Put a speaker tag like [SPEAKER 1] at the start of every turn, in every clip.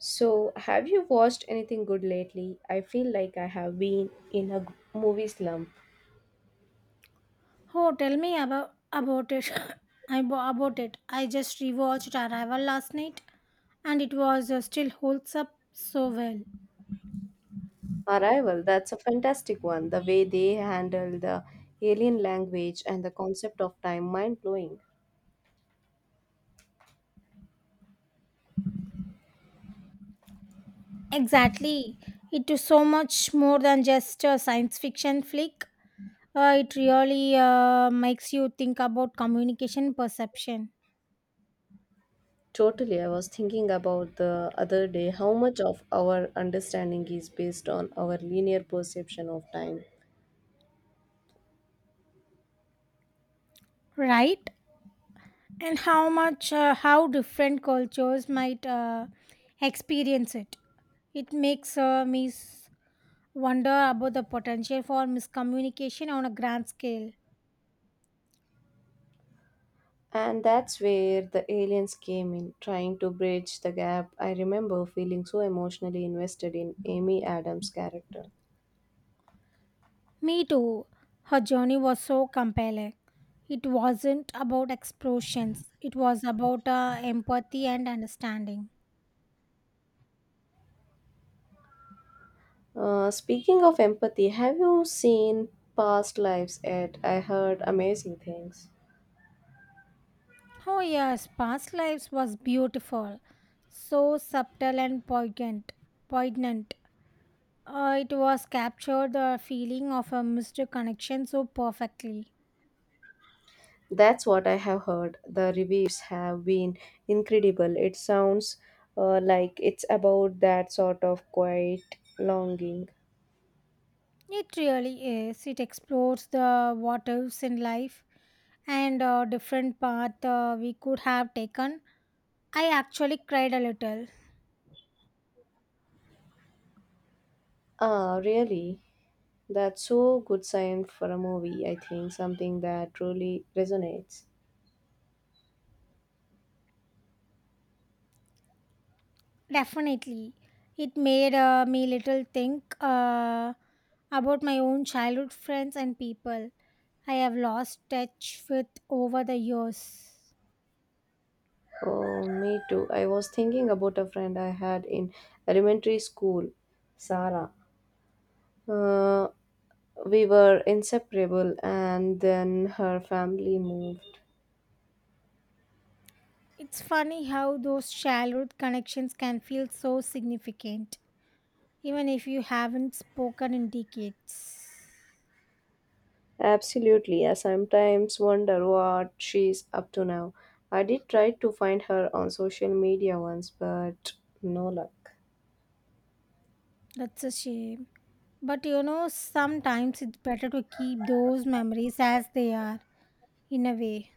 [SPEAKER 1] So, have you watched anything good lately? I feel like I have been in a movie slump.
[SPEAKER 2] Oh, tell me about it. About it. I just rewatched Arrival last night, and it was still holds up so well.
[SPEAKER 1] Arrival, that's a fantastic one. The way they handle the alien language and the concept of time, mind blowing.
[SPEAKER 2] Exactly, it is so much more than just a science fiction flick. It really makes you think about communication perception,
[SPEAKER 1] Totally, I was thinking about the other day how much of our understanding is based on our linear perception of time.
[SPEAKER 2] right? And how different cultures might experience it. It makes me wonder about the potential for miscommunication on a grand scale.
[SPEAKER 1] And that's where the aliens came in, trying to bridge the gap. I remember feeling so emotionally invested in Amy Adams' character.
[SPEAKER 2] Me too. Her journey was so compelling. It wasn't about explosions, it was about empathy and understanding.
[SPEAKER 1] Speaking of empathy, have you seen Past Lives Ed? I heard amazing things.
[SPEAKER 2] Oh, yes, Past Lives was beautiful, so subtle and poignant. It was captured the feeling of a missed connection so perfectly.
[SPEAKER 1] That's what I have heard. The reviews have been incredible. It sounds like it's about that sort of quiet longing.
[SPEAKER 2] It really is. It explores the what ifs in life and a different path we could have taken. I actually cried a little.
[SPEAKER 1] Ah, really? That's so good sign for a movie, I think. Something that truly resonates.
[SPEAKER 2] Definitely. It made me little think about my own childhood friends and people I have lost touch with over the years.
[SPEAKER 1] Oh, me too. I was thinking about a friend I had in elementary school, Sarah. Uh, We were inseparable, and then her family moved.
[SPEAKER 2] It's funny how those childhood connections can feel so significant, even if you haven't spoken in decades.
[SPEAKER 1] Absolutely, I sometimes wonder what she's up to now. I did try to find her on social media once, but no luck.
[SPEAKER 2] That's a shame. But sometimes it's better to keep those memories as they are, in a way.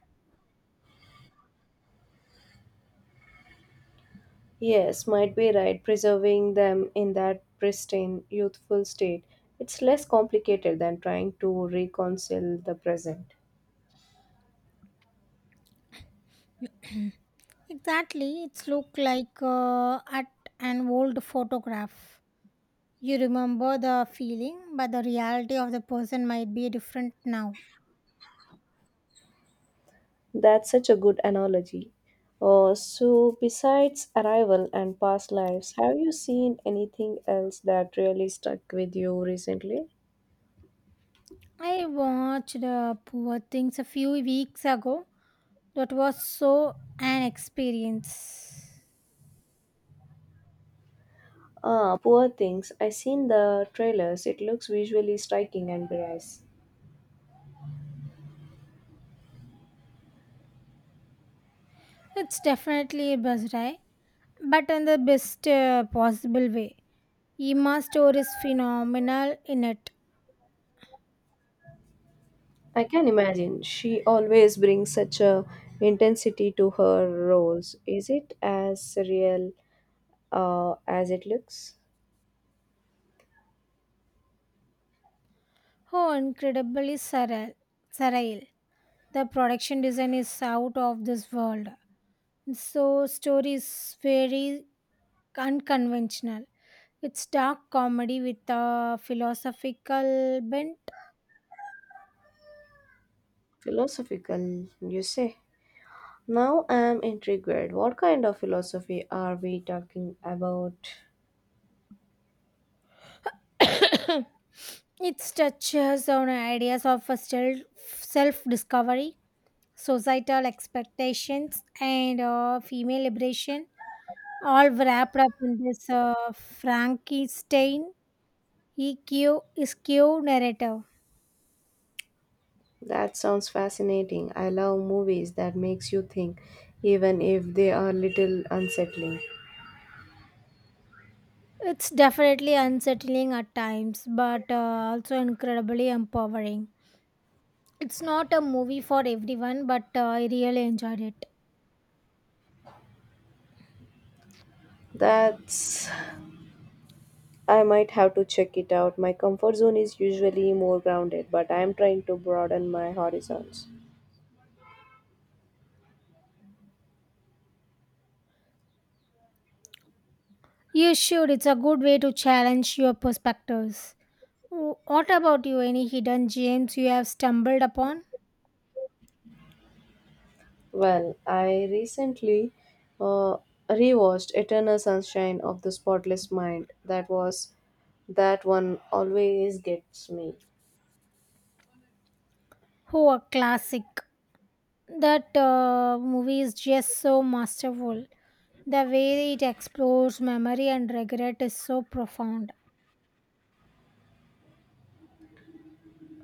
[SPEAKER 1] Yes, might be right, preserving them in that pristine, youthful state. It's less complicated than trying to reconcile the present.
[SPEAKER 2] Exactly, it's look like at an old photograph. You remember the feeling, but the reality of the person might be different now.
[SPEAKER 1] That's such a good analogy. So, besides Arrival and Past Lives, have you seen anything else that really stuck with you recently?
[SPEAKER 2] I watched Poor Things a few weeks ago. That was so an experience.
[SPEAKER 1] Ah, Poor Things. I seen the trailers. It looks visually striking and brass.
[SPEAKER 2] It's definitely a buzz, right? But in the best possible way. Emma's story is phenomenal in it.
[SPEAKER 1] I can imagine. She always brings such a intensity to her roles. Is it as real as it looks?
[SPEAKER 2] How incredibly surreal. The production design is out of this world. So story is very unconventional. It's dark comedy with a philosophical bent.
[SPEAKER 1] Philosophical, you say? Now I'm intrigued. What kind of philosophy are we talking about?
[SPEAKER 2] It touches on ideas of a self discovery, societal expectations, and female liberation all wrapped up in this Frankenstein EQ skew narrative.
[SPEAKER 1] That sounds fascinating. I love movies that makes you think even if they are little unsettling.
[SPEAKER 2] It's definitely unsettling at times, but also incredibly empowering. It's not a movie for everyone, but I really enjoyed it.
[SPEAKER 1] That's I might have to check it out. My comfort zone is usually more grounded, but I am trying to broaden my horizons.
[SPEAKER 2] You should. It's a good way to challenge your perspectives. What about you? Any hidden gems you have stumbled upon?
[SPEAKER 1] Well, I recently uh, rewatched Eternal Sunshine of the Spotless Mind. That one always gets me.
[SPEAKER 2] Oh, a classic. That movie is just so masterful. The way it explores memory and regret is so profound.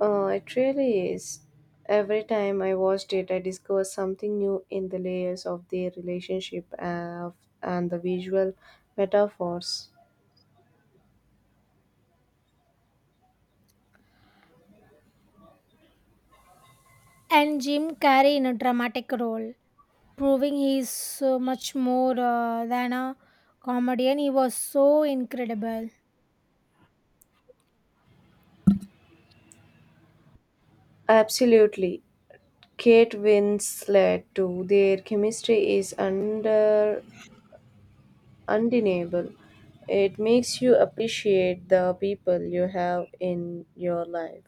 [SPEAKER 1] It really is. Every time I watched it, I discovered something new in the layers of their relationship and the visual metaphors.
[SPEAKER 2] And Jim Carrey in a dramatic role, proving he is so much more than a comedian. He was so incredible.
[SPEAKER 1] Absolutely. Kate Winslet, too, their chemistry is undeniable. It makes you appreciate the people you have in your life.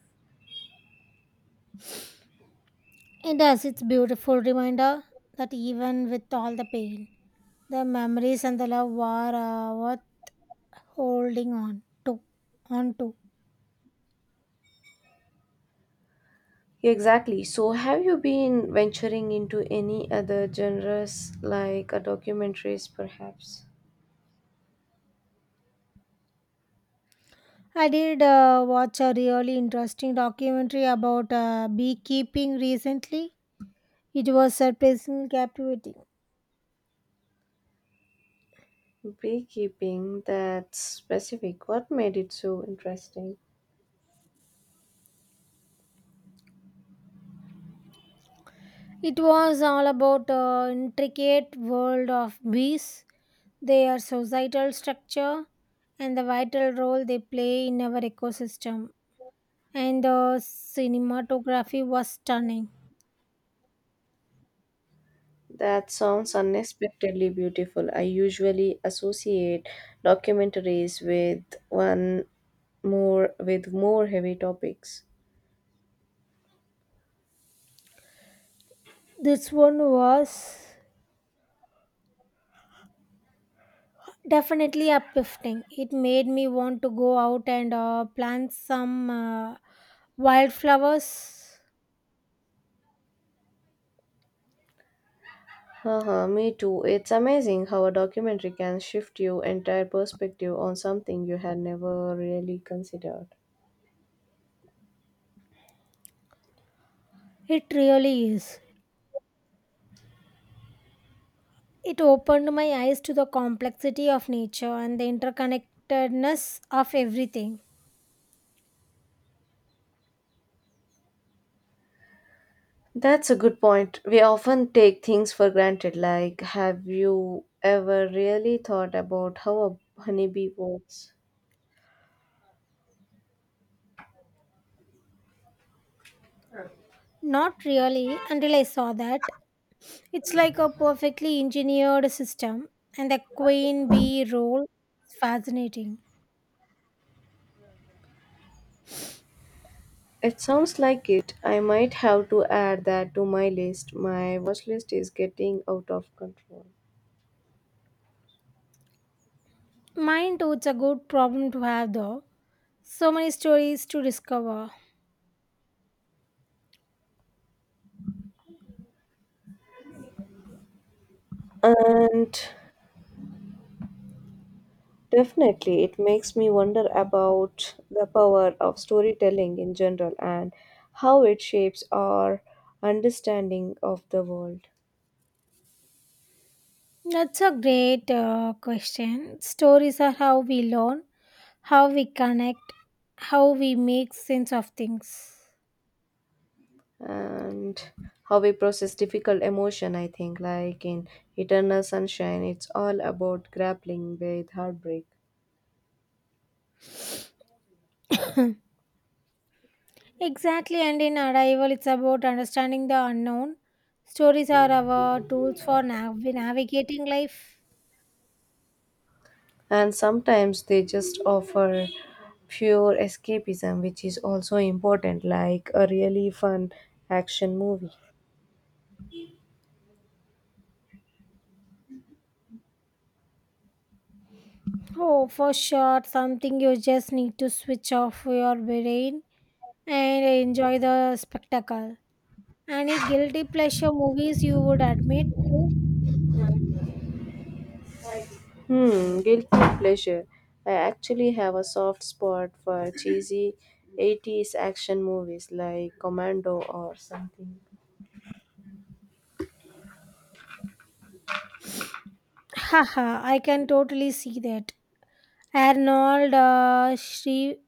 [SPEAKER 2] It has its beautiful reminder that even with all the pain, the memories and the love were worth holding on to.
[SPEAKER 1] Exactly. So, have you been venturing into any other genres like a documentaries, perhaps?
[SPEAKER 2] I did watch a really interesting documentary about beekeeping recently. It was surprisingly captivating.
[SPEAKER 1] Beekeeping, that's specific. What made it so interesting?
[SPEAKER 2] It was all about the intricate world of bees, their societal structure, and the vital role they play in our ecosystem. And the cinematography was stunning.
[SPEAKER 1] That sounds unexpectedly beautiful. I usually associate documentaries with one more with more heavy topics.
[SPEAKER 2] This one was definitely uplifting. It made me want to go out and plant some wildflowers.
[SPEAKER 1] Haha, me too. It's amazing how a documentary can shift your entire perspective on something you had never really considered.
[SPEAKER 2] It really is. It opened my eyes to the complexity of nature and the interconnectedness of everything.
[SPEAKER 1] That's a good point. We often take things for granted, like have you ever really thought about how a honeybee works?
[SPEAKER 2] Not really until I saw that. It's like a perfectly engineered system, and the queen bee role is fascinating.
[SPEAKER 1] It sounds like it. I might have to add that to my list. My watch list is getting out of control.
[SPEAKER 2] Mine too, it's a good problem to have though. So many stories to discover.
[SPEAKER 1] And definitely, it makes me wonder about the power of storytelling in general and how it shapes our understanding of the world.
[SPEAKER 2] That's a great question. Stories are how we learn, how we connect, how we make sense of things.
[SPEAKER 1] And how we process difficult emotion I think, like in Eternal Sunshine, it's all about grappling with heartbreak.
[SPEAKER 2] Exactly, and in Arrival, it's about understanding the unknown. Stories are our tools for navigating life.
[SPEAKER 1] And sometimes they just offer pure escapism, which is also important, like a really fun action movie.
[SPEAKER 2] Oh, for sure, something you just need to switch off your brain and enjoy the spectacle. Any guilty pleasure movies you would admit to?
[SPEAKER 1] Hmm, guilty pleasure. I actually have a soft spot for cheesy 80s action movies like Commando or something.
[SPEAKER 2] Haha, I can totally see that. Arnold Shri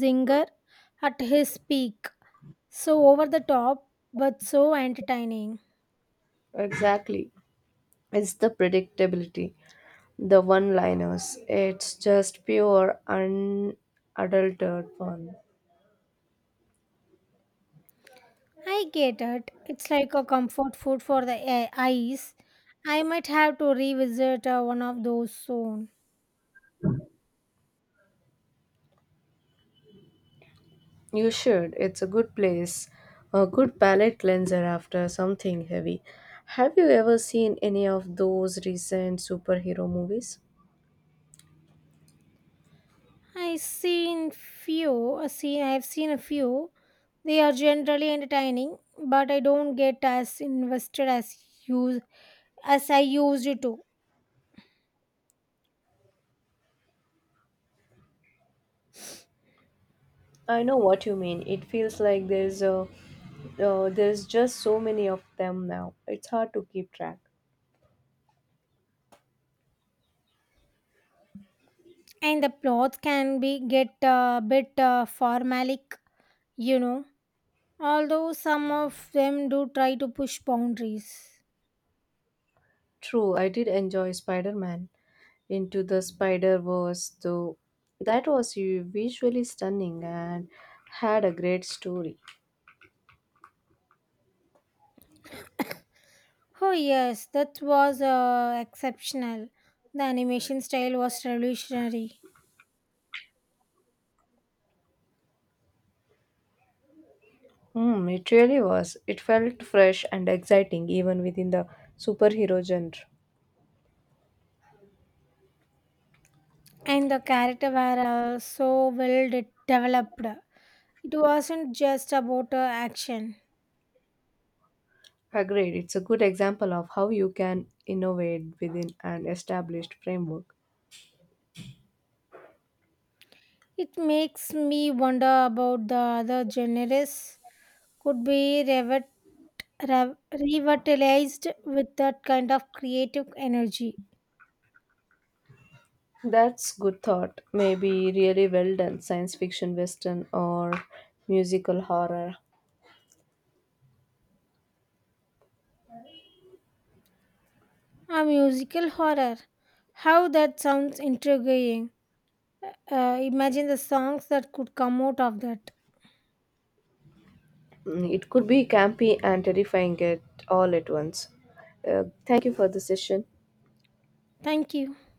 [SPEAKER 2] Zinger at his peak. So over the top, but so entertaining.
[SPEAKER 1] Exactly. It's the predictability. The one liners. It's just pure, unadulterated fun.
[SPEAKER 2] I get it. It's like a comfort food for the eyes. I might have to revisit one of those soon.
[SPEAKER 1] You should. It's a good place. A good palate cleanser after something heavy. Have you ever seen any of those recent superhero movies?
[SPEAKER 2] I seen few. I see. I've seen a few. They are generally entertaining, but I don't get as invested as use as I used to.
[SPEAKER 1] I know what you mean. It feels like there's just so many of them now. It's hard to keep track.
[SPEAKER 2] And the plots can be get a bit formalic, you know. Although some of them do try to push boundaries.
[SPEAKER 1] True, I did enjoy Spider-Man. Into the Spider Verse, though. That was visually stunning and had a great story.
[SPEAKER 2] Oh yes, that was exceptional. The animation style was revolutionary,
[SPEAKER 1] Hmm, it really was. It felt fresh and exciting even within the superhero genre.
[SPEAKER 2] and the character were so well developed. It wasn't just about action.
[SPEAKER 1] Agreed, it's a good example of how you can innovate within an established framework.
[SPEAKER 2] It makes me wonder about the other genres could be revitalized with that kind of creative energy.
[SPEAKER 1] That's good thought. Maybe really well done science fiction western or musical horror.
[SPEAKER 2] A musical horror. How that sounds intriguing. Imagine the songs that could come out of that.
[SPEAKER 1] Mm, it could be campy and terrifying at all at once. Thank you for the session.
[SPEAKER 2] Thank you.